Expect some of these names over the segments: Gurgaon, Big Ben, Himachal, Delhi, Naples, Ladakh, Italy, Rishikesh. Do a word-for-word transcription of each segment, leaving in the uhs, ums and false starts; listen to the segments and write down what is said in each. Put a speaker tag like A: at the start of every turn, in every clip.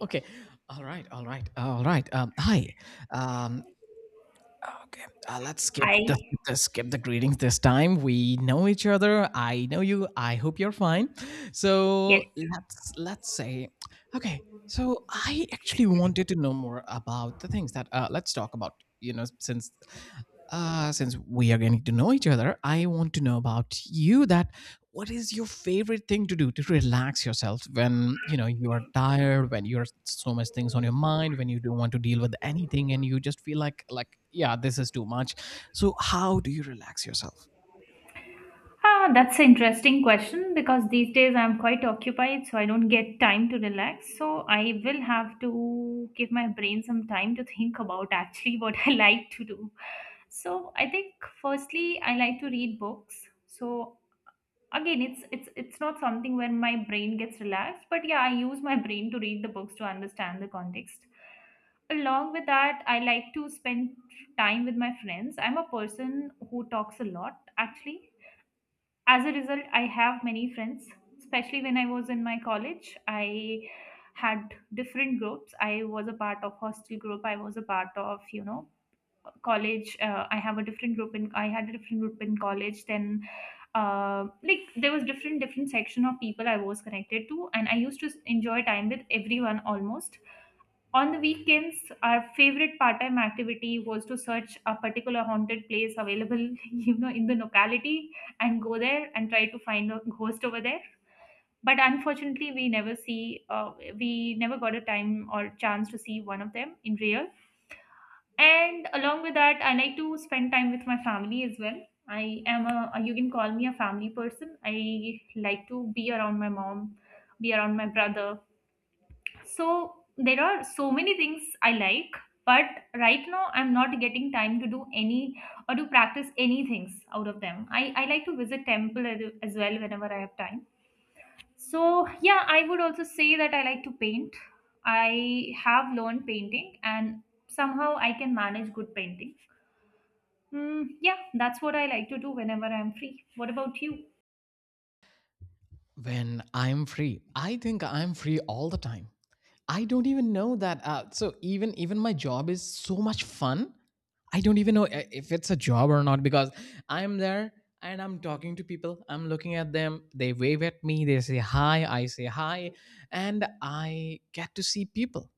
A: Okay. All right. All right. All right. Um, hi. Um, okay. Uh, let's skip the
B: Hi.
A: skip the skip the greetings this time. We know each other. I know you. I hope you're fine.
B: Yes.
A: So let's let's say. Okay. So I actually wanted to know more about the things that uh, let's talk about. You know, since uh, since we are getting to know each other, I want to know about you. That what is your favorite thing to do to relax yourself when you know you are tired, when you're so much things on your mind, when you don't want to deal with anything and you just feel like like yeah, this is too much. So how do you relax yourself?
B: Ah, that's an interesting question because these days I'm quite occupied, so I don't get time to relax. So I will have to give my brain some time to think about actually what I like to do. So I think firstly, I like to read books. So again it's it's it's not something where my brain gets relaxed, but yeah, I use my brain to read the books to understand the context. Along with that, I like to spend time with my friends. I'm a person who talks a lot, actually. As a result, I have many friends, especially when I was in my college. I had different groups. I was a part of hostel group. I was a part of, you know college, uh, i have a different group in I had a different group in college. Then uh, like there was different different section of people I was connected to, and I used to s- enjoy time with everyone almost. On the weekends our favorite part-time activity was to search a particular haunted place available you know in the locality, and go there and try to find a ghost over there. But unfortunately we never see uh, we never got a time or chance to see one of them in real. And along with that, I like to spend time with my family as well. I am a, you can call me a family person. I like to be around my mom, be around my brother. So there are so many things I like, but right now I'm not getting time to do any or to practice any things out of them. I, I like to visit temple as as well whenever I have time. So yeah, I would also say that I like to paint. I have learned painting, and somehow I can manage good painting. Mm, yeah, that's what I like to do whenever I'm free. What about you?
A: When I'm free, I think I'm free all the time. I don't even know that. Uh, so even even my job is so much fun. I don't even know i- if it's a job or not, because I'm there and I'm talking to people. I'm looking at them. They wave at me. They say hi. I say hi, and I get to see people.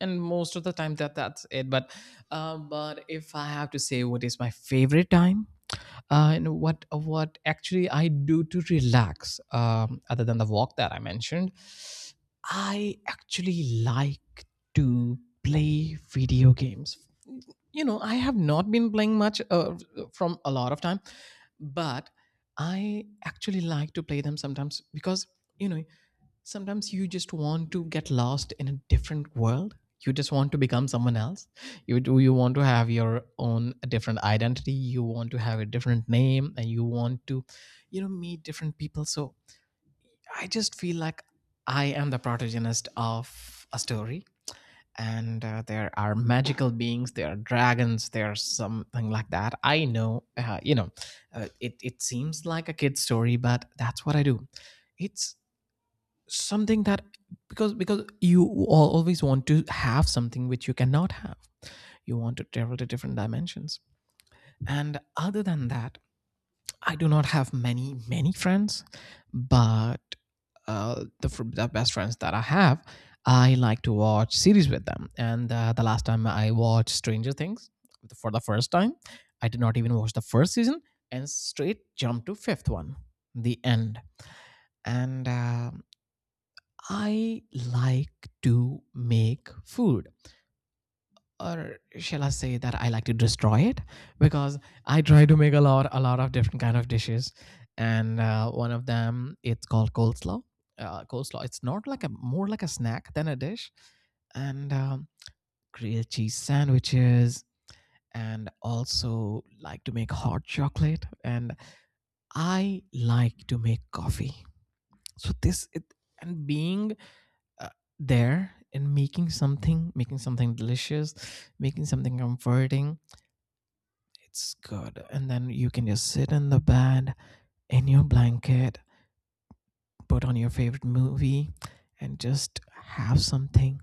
A: And most of the time, that that's it. But uh, but if I have to say what is my favorite time, uh, and what what actually I do to relax, um, other than the walk that I mentioned, I actually like to play video games. You know, I have not been playing much uh, from a lot of time, but I actually like to play them sometimes because, you know, sometimes you just want to get lost in a different world, you just want to become someone else, you do you want to have your own different identity, you want to have a different name, and you want to, you know, meet different people. So I just feel like I am the protagonist of a story, and uh, there are magical beings, there are dragons, there's something like that. I know, uh, you know, uh, it, it seems like a kid's story, but that's what I do. It's something that because because you al- always want to have something which you cannot have. You want to travel to different dimensions. And other than that, I do not have many many friends. But uh, the, fr- the best friends that I have, I like to watch series with them. And uh, the last time I watched Stranger Things for the first time, I did not even watch the first season and straight jumped to fifth one. The end. And uh, I like to make food. Or shall I say that I like to destroy it? Because I try to make a lot, a lot of different kind of dishes, and uh, one of them, it's called coleslaw. Uh, coleslaw. It's not like, a more like a snack than a dish, and um, grilled cheese sandwiches, and also like to make hot chocolate, and I like to make coffee. So this it, and being uh, there and making something making something delicious, making something comforting, it's good. And then you can just sit in the bed in your blanket, put on your favorite movie and just have something.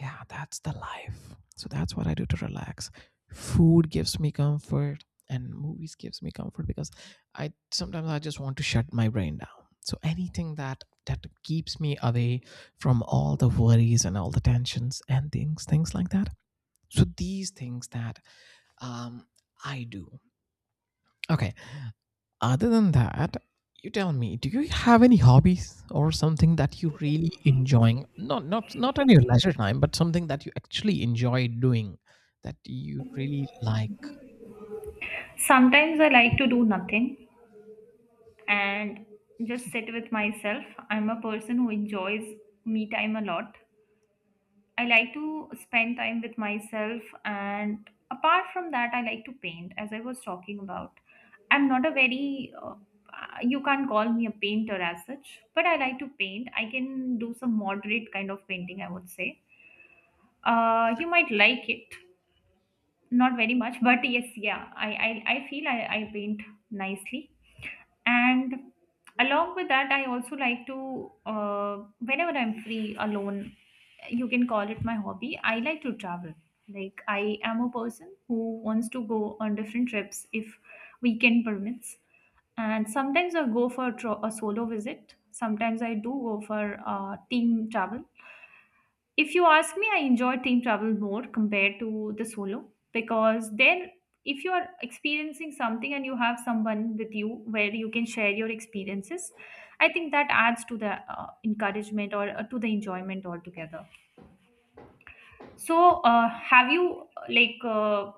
A: Yeah, that's the life. So that's what I do to relax. Food gives me comfort and movies gives me comfort, because I sometimes I just want to shut my brain down. So anything that that keeps me away from all the worries and all the tensions and things things like that. So these things that um I do. Okay. Other than that, you tell me, do you have any hobbies or something that you really enjoying? Not not not on your leisure time, but something that you actually enjoy doing, that you really like.
B: Sometimes I like to do nothing and just sit with myself. I'm a person who enjoys me time a lot. I like to spend time with myself, and apart from that, I like to paint, as I was talking about. I'm not a very uh, you can't call me a painter as such, but I like to paint. I can do some moderate kind of painting, I would say. Uh, you might like it, not very much, but yes, yeah, i i, I feel I, I paint nicely. And along with that, I also like to, uh, whenever I'm free alone, you can call it my hobby, I like to travel. Like I am a person who wants to go on different trips if weekend permits. And sometimes I go for tro- a solo visit, sometimes I do go for uh, team travel. If you ask me, I enjoy team travel more compared to the solo, because then if you are experiencing something and you have someone with you where you can share your experiences, I think that adds to the uh, encouragement or uh, to the enjoyment altogether. So, uh, have you like uh,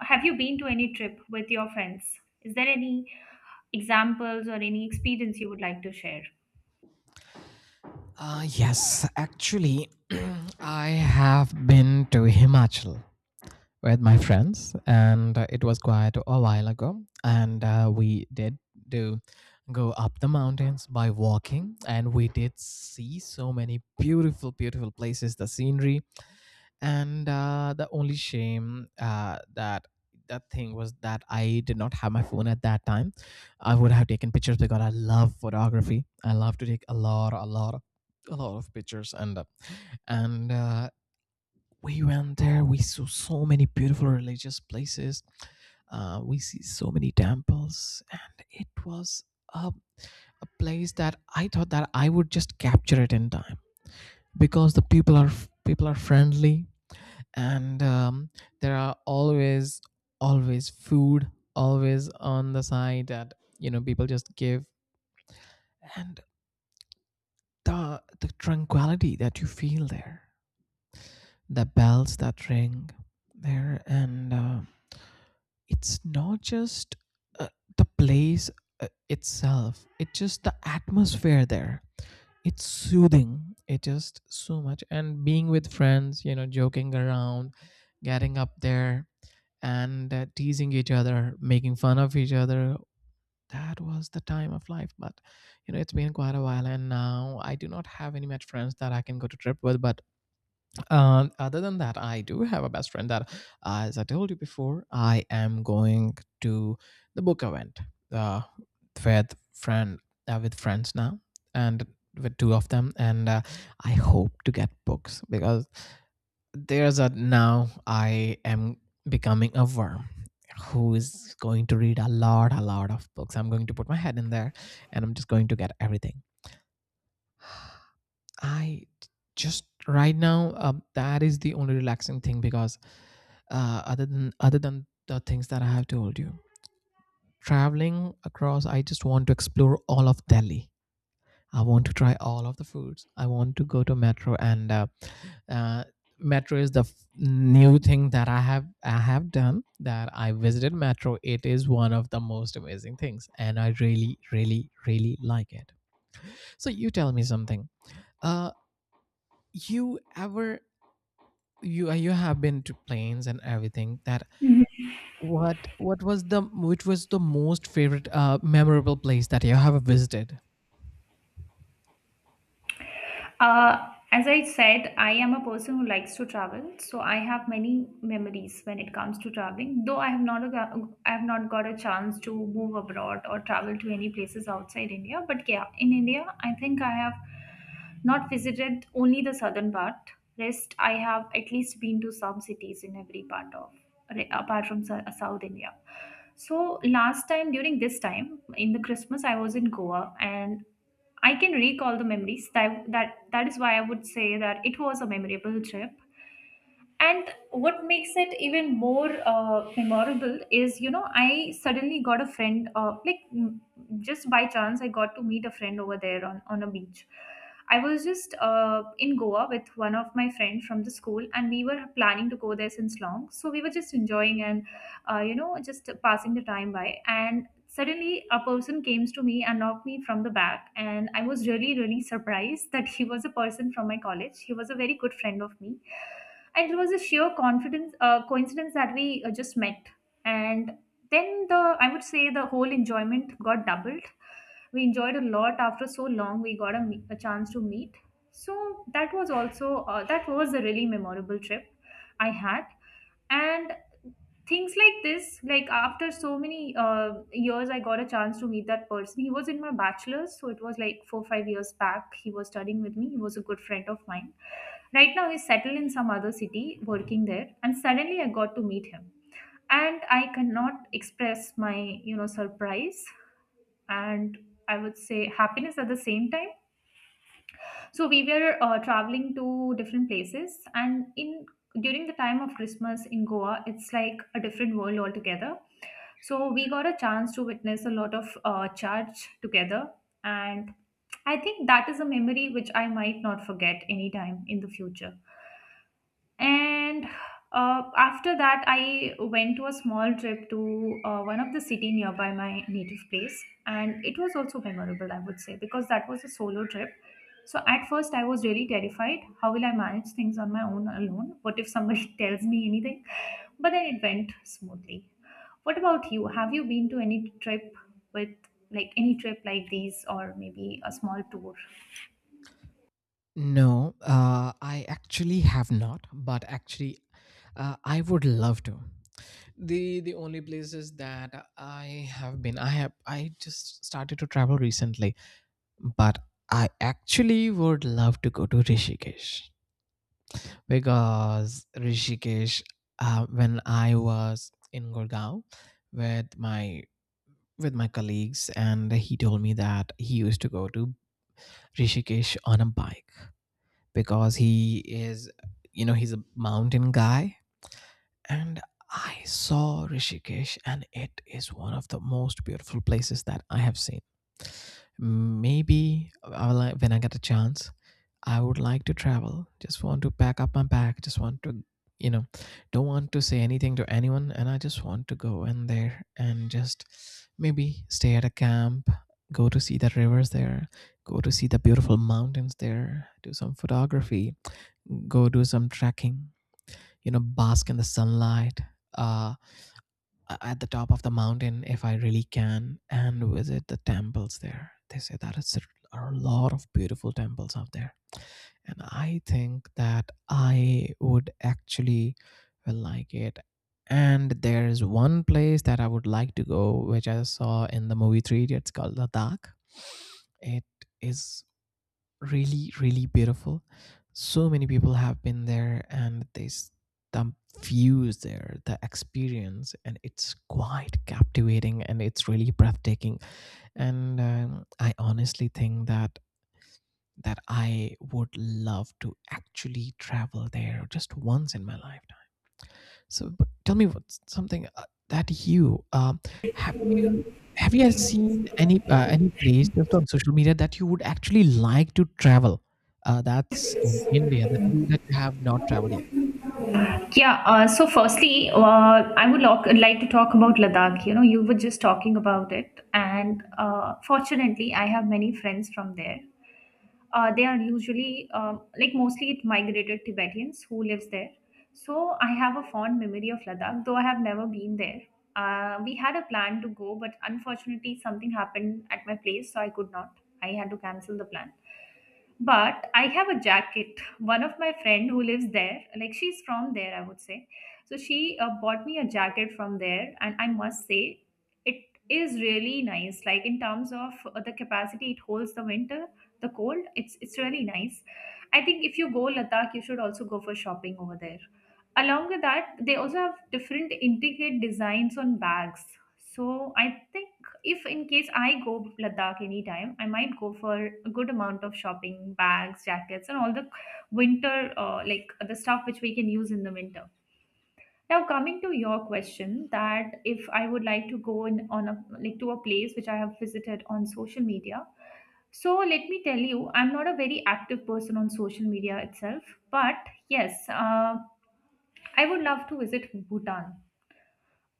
B: have you been to any trip with your friends? Is there any examples or any experience you would like to share?
A: Uh, yes, actually, I have been to Himachal with my friends, and uh, it was quite a while ago. And uh, we did do go up the mountains by walking, and we did see so many beautiful, beautiful places. The scenery. And uh, the only shame, uh, that that thing was that I did not have my phone at that time. I would have taken pictures because I love photography. I love to take a lot, a lot, a lot of pictures. And uh, and uh, we went there. We saw so many beautiful religious places. Uh, we see so many temples, and it was a, a place that I thought that I would just capture it in time, because the people are, people are friendly. And um, there are always always food, always on the side, that, you know, people just give. And the the tranquility that you feel there, the bells that ring there. And uh, it's not just uh, the place uh, itself, it's just the atmosphere there. It's soothing, it just so much. And being with friends, you know, joking around, getting up there, and uh, teasing each other, making fun of each other. That was the time of life. But, you know, it's been quite a while and now I do not have any much friends that I can go to trip with. But um, other than that, I do have a best friend that, uh, as I told you before, I am going to the book event uh, with friend uh, with friends now, and with two of them. And uh, I hope to get books because there's a, now I am becoming a worm who is going to read a lot, a lot of books. I'm going to put my head in there, and I'm just going to get everything. I just right now, um, that is the only relaxing thing, because uh, other than other than the things that I have told you, traveling across, I just want to explore all of Delhi. I want to try all of the foods. I want to go to metro and uh, uh, metro is the f- new thing that I have I have done, that I visited metro. It is one of the most amazing things, and I really, really, really like it. So you tell me something. Uh, you ever you uh, You have been to planes and everything. That what what was the which was the most favorite, uh, memorable place that you have visited?
B: Uh, as I said, I am a person who likes to travel, so I have many memories when it comes to traveling. Though I have not a, I have not got a chance to move abroad or travel to any places outside India, but yeah, in India, I think I have not visited only the southern part. Rest, I have at least been to some cities in every part of, apart from Sou- South India. So last time during this time in the Christmas I was in Goa, and I can recall the memories. That, that that is why I would say that it was a memorable trip. And what makes it even more uh, memorable is, you know, I suddenly got a friend, uh, like mm, just by chance I got to meet a friend over there on, on a beach. I was just uh, in Goa with one of my friend from the school, and we were planning to go there since long, so we were just enjoying, and uh, you know, just passing the time by. And suddenly a person came to me and knocked me from the back, and I was really really surprised that he was a person from my college. He was a very good friend of me, and it was a sheer confidence uh, coincidence that we uh, just met. And then, the, I would say, the whole enjoyment got doubled. We enjoyed a lot. After so long, we got a, me- a chance to meet. So that was also, uh, that was a really memorable trip I had. And things like this, like after so many uh, years I got a chance to meet that person. He was in my bachelor's, so it was like four five years back. He was studying with me. He was a good friend of mine. Right now he's settled in some other city, working there, and suddenly I got to meet him. And I cannot express my, you know, surprise and, I would say, happiness at the same time. So we were uh, traveling to different places, and in during the time of Christmas in Goa it's like a different world altogether. So we got a chance to witness a lot of uh, charge together, and I think that is a memory which I might not forget anytime in the future. And uh, after that, I went to a small trip to uh, one of the city nearby my native place, and it was also memorable, I would say, because that was a solo trip. So at first, I was really terrified. How will I manage things on my own alone? What if somebody tells me anything? But then it went smoothly. What about you? Have you been to any trip with, like any trip like these, or maybe a small tour?
A: No, uh I actually have not. But actually, uh, I would love to. The the only places that I have been, i have I just started to travel recently. But I actually would love to go to Rishikesh, because Rishikesh, uh, when I was in Gurgaon with my with my colleagues, and he told me that he used to go to Rishikesh on a bike, because he is, you know, he's a mountain guy. And I saw Rishikesh, and it is one of the most beautiful places that I have seen. Maybe I will, like, when I get a chance, I would like to travel. Just want to pack up my bag. Just want to, you know, don't want to say anything to anyone, and I just want to go in there and just maybe stay at a camp, go to see the rivers there, go to see the beautiful mountains there, do some photography, go do some trekking, you know, bask in the sunlight, uh at the top of the mountain if I really can, and visit the temples there. They say that it's a, are a lot of beautiful temples out there. And I think that I would actually like it. And there's one place that I would like to go, which I saw in the movie three. It's called Ladakh. It is really, really beautiful. So many people have been there, and there's the views there, the experience, and it's quite captivating, and it's really breathtaking. And um, I honestly think that that I would love to actually travel there just once in my life. So, but tell me what something, uh, that you um, have you have you seen any, uh, any place just on social media that you would actually like to travel? Uh, that's in India that you that you have not traveled yet.
B: Yeah, uh, so firstly, uh, I would lock, like to talk about Ladakh. You know, you were just talking about it, and uh, fortunately, I have many friends from there. Uh, they are usually um, like mostly it migrated Tibetans who lives there. So I have a fond memory of Ladakh, though I have never been there. Uh, we had a plan to go, but unfortunately, something happened at my place, so I could not. I had to cancel the plan. But I have a jacket. One of my friend who lives there, like she's from there, I would say. So she uh, bought me a jacket from there, and I must say, it is really nice. Like in terms of uh, the capacity it holds the winter, the cold, it's it's really nice. I think if you go Ladakh, you should also go for shopping over there. Along with that, they also have different intricate designs on bags. So I think if in case I go Ladakh anytime, I might go for a good amount of shopping, bags, jackets, and all the winter, uh, like the stuff which we can use in the winter. Now, coming to your question, that if I would like to go in on a, like to a place which I have visited on social media. So let me tell you, I'm not a very active person on social media itself, but yes, uh, I would love to visit Bhutan.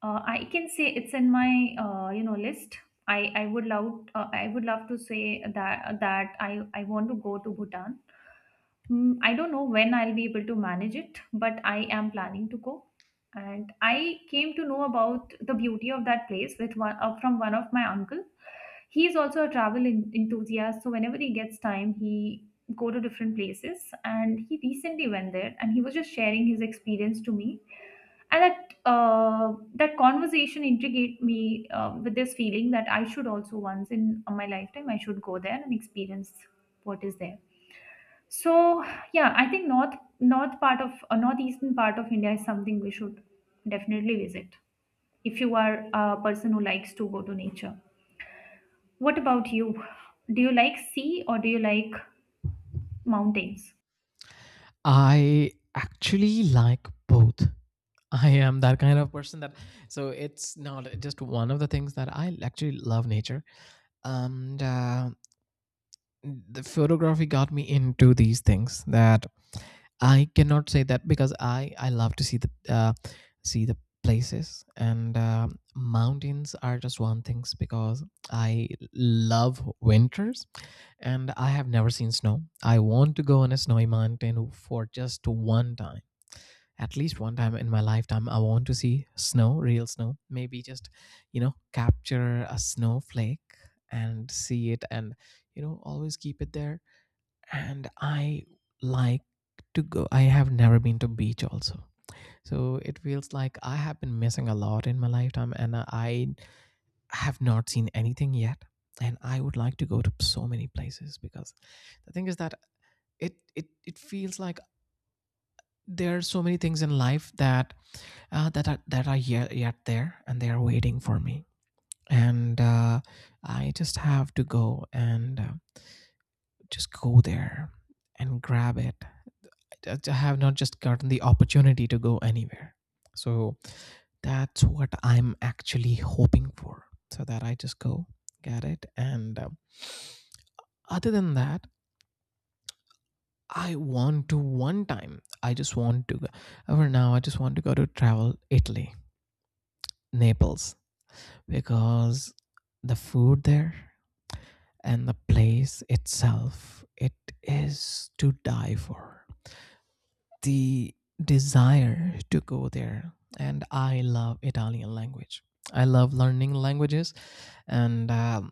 B: Uh, I can say it's in my, uh, you know, list. I I would love, uh, I would love to say that that I I want to go to Bhutan. Mm, I don't know when I'll be able to manage it, but I am planning to go. And I came to know about the beauty of that place with one, uh, from one of my uncle. He is also a travel en- enthusiast, so whenever he gets time, he go to different places. And he recently went there, and he was just sharing his experience to me. And that, uh, that conversation intrigued me uh, with this feeling that I should also once in uh, my lifetime I should go there and experience what is there. So yeah, I think north north part of uh, northeastern part of India is something we should definitely visit if you are a person who likes to go to nature. What about you? Do you like sea or do you like mountains?
A: I actually like both. I am that kind of person that, so it's not just one of the things, that I actually love nature. And uh, the photography got me into these things, that I cannot say that, because I I love to see the, uh, see the places. And um mountains are just one things, because I love winters and I have never seen snow. I want to go on a snowy mountain for just one time. At least one time in my lifetime, I want to see snow, real snow. Maybe just, you know, capture a snowflake and see it, and, you know, always keep it there. And I like to go. I have never been to beach also. So it feels like I have been missing a lot in my lifetime and I have not seen anything yet. And I would like to go to so many places, because the thing is that it it, it feels like there are so many things in life, that uh, that are that are yet, yet there, and they are waiting for me. And uh, I just have to go, and uh, just go there and grab it. I have not just gotten the opportunity to go anywhere. So that's what I'm actually hoping for. So that I just go get it. And um, other than that, I want to one time, I just want to go. For now, I just want to go to travel Italy, Naples, because the food there and the place itself, it is to die for. The desire to go there, and I love Italian language. I love learning languages, and um,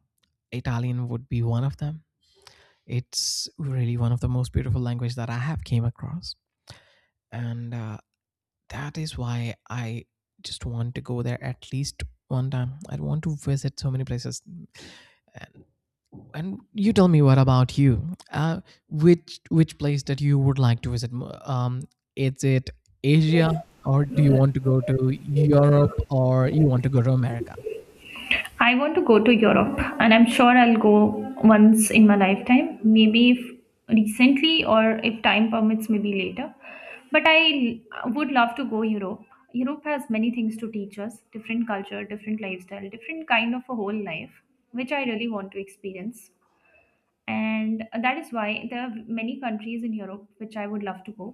A: Italian would be one of them. It's really one of the most beautiful language that I have came across. And uh, that is why I just want to go there at least one time. I want to visit so many places. And, and you tell me, what about you? Uh, which which place that you would like to visit? Um, is it Asia, or do you want to go to Europe, or you want to go to America?
B: I want to go to Europe, and I'm sure I'll go once in my lifetime. Maybe if recently, or if time permits, maybe later. But I l- would love to go Europe. Europe has many things to teach us: different culture, different lifestyle, different kind of a whole life, which I really want to experience. And that is why there are many countries in Europe which I would love to go.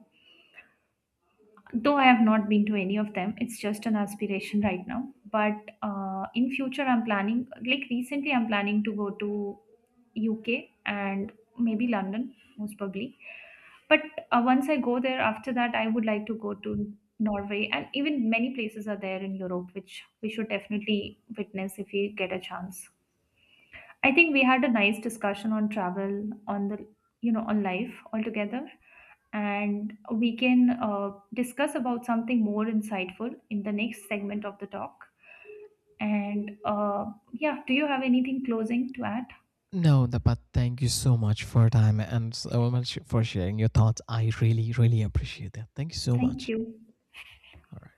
B: Though I have not been to any of them, it's just an aspiration right now. But uh, in future, I'm planning. Like recently, I'm planning to go to U K, and maybe London, most probably. But uh, once I go there, after that, I would like to go to Norway, and even many places are there in Europe, which we should definitely witness if we get a chance. I think we had a nice discussion on travel, on the, you know, on life altogether, and we can uh, discuss about something more insightful in the next segment of the talk. And uh, yeah, do you have anything closing to add?
A: No, the, but thank you so much for your time and so much for sharing your thoughts. I really, really appreciate that. Thank you so
B: Thank
A: much.
B: you.
A: All right.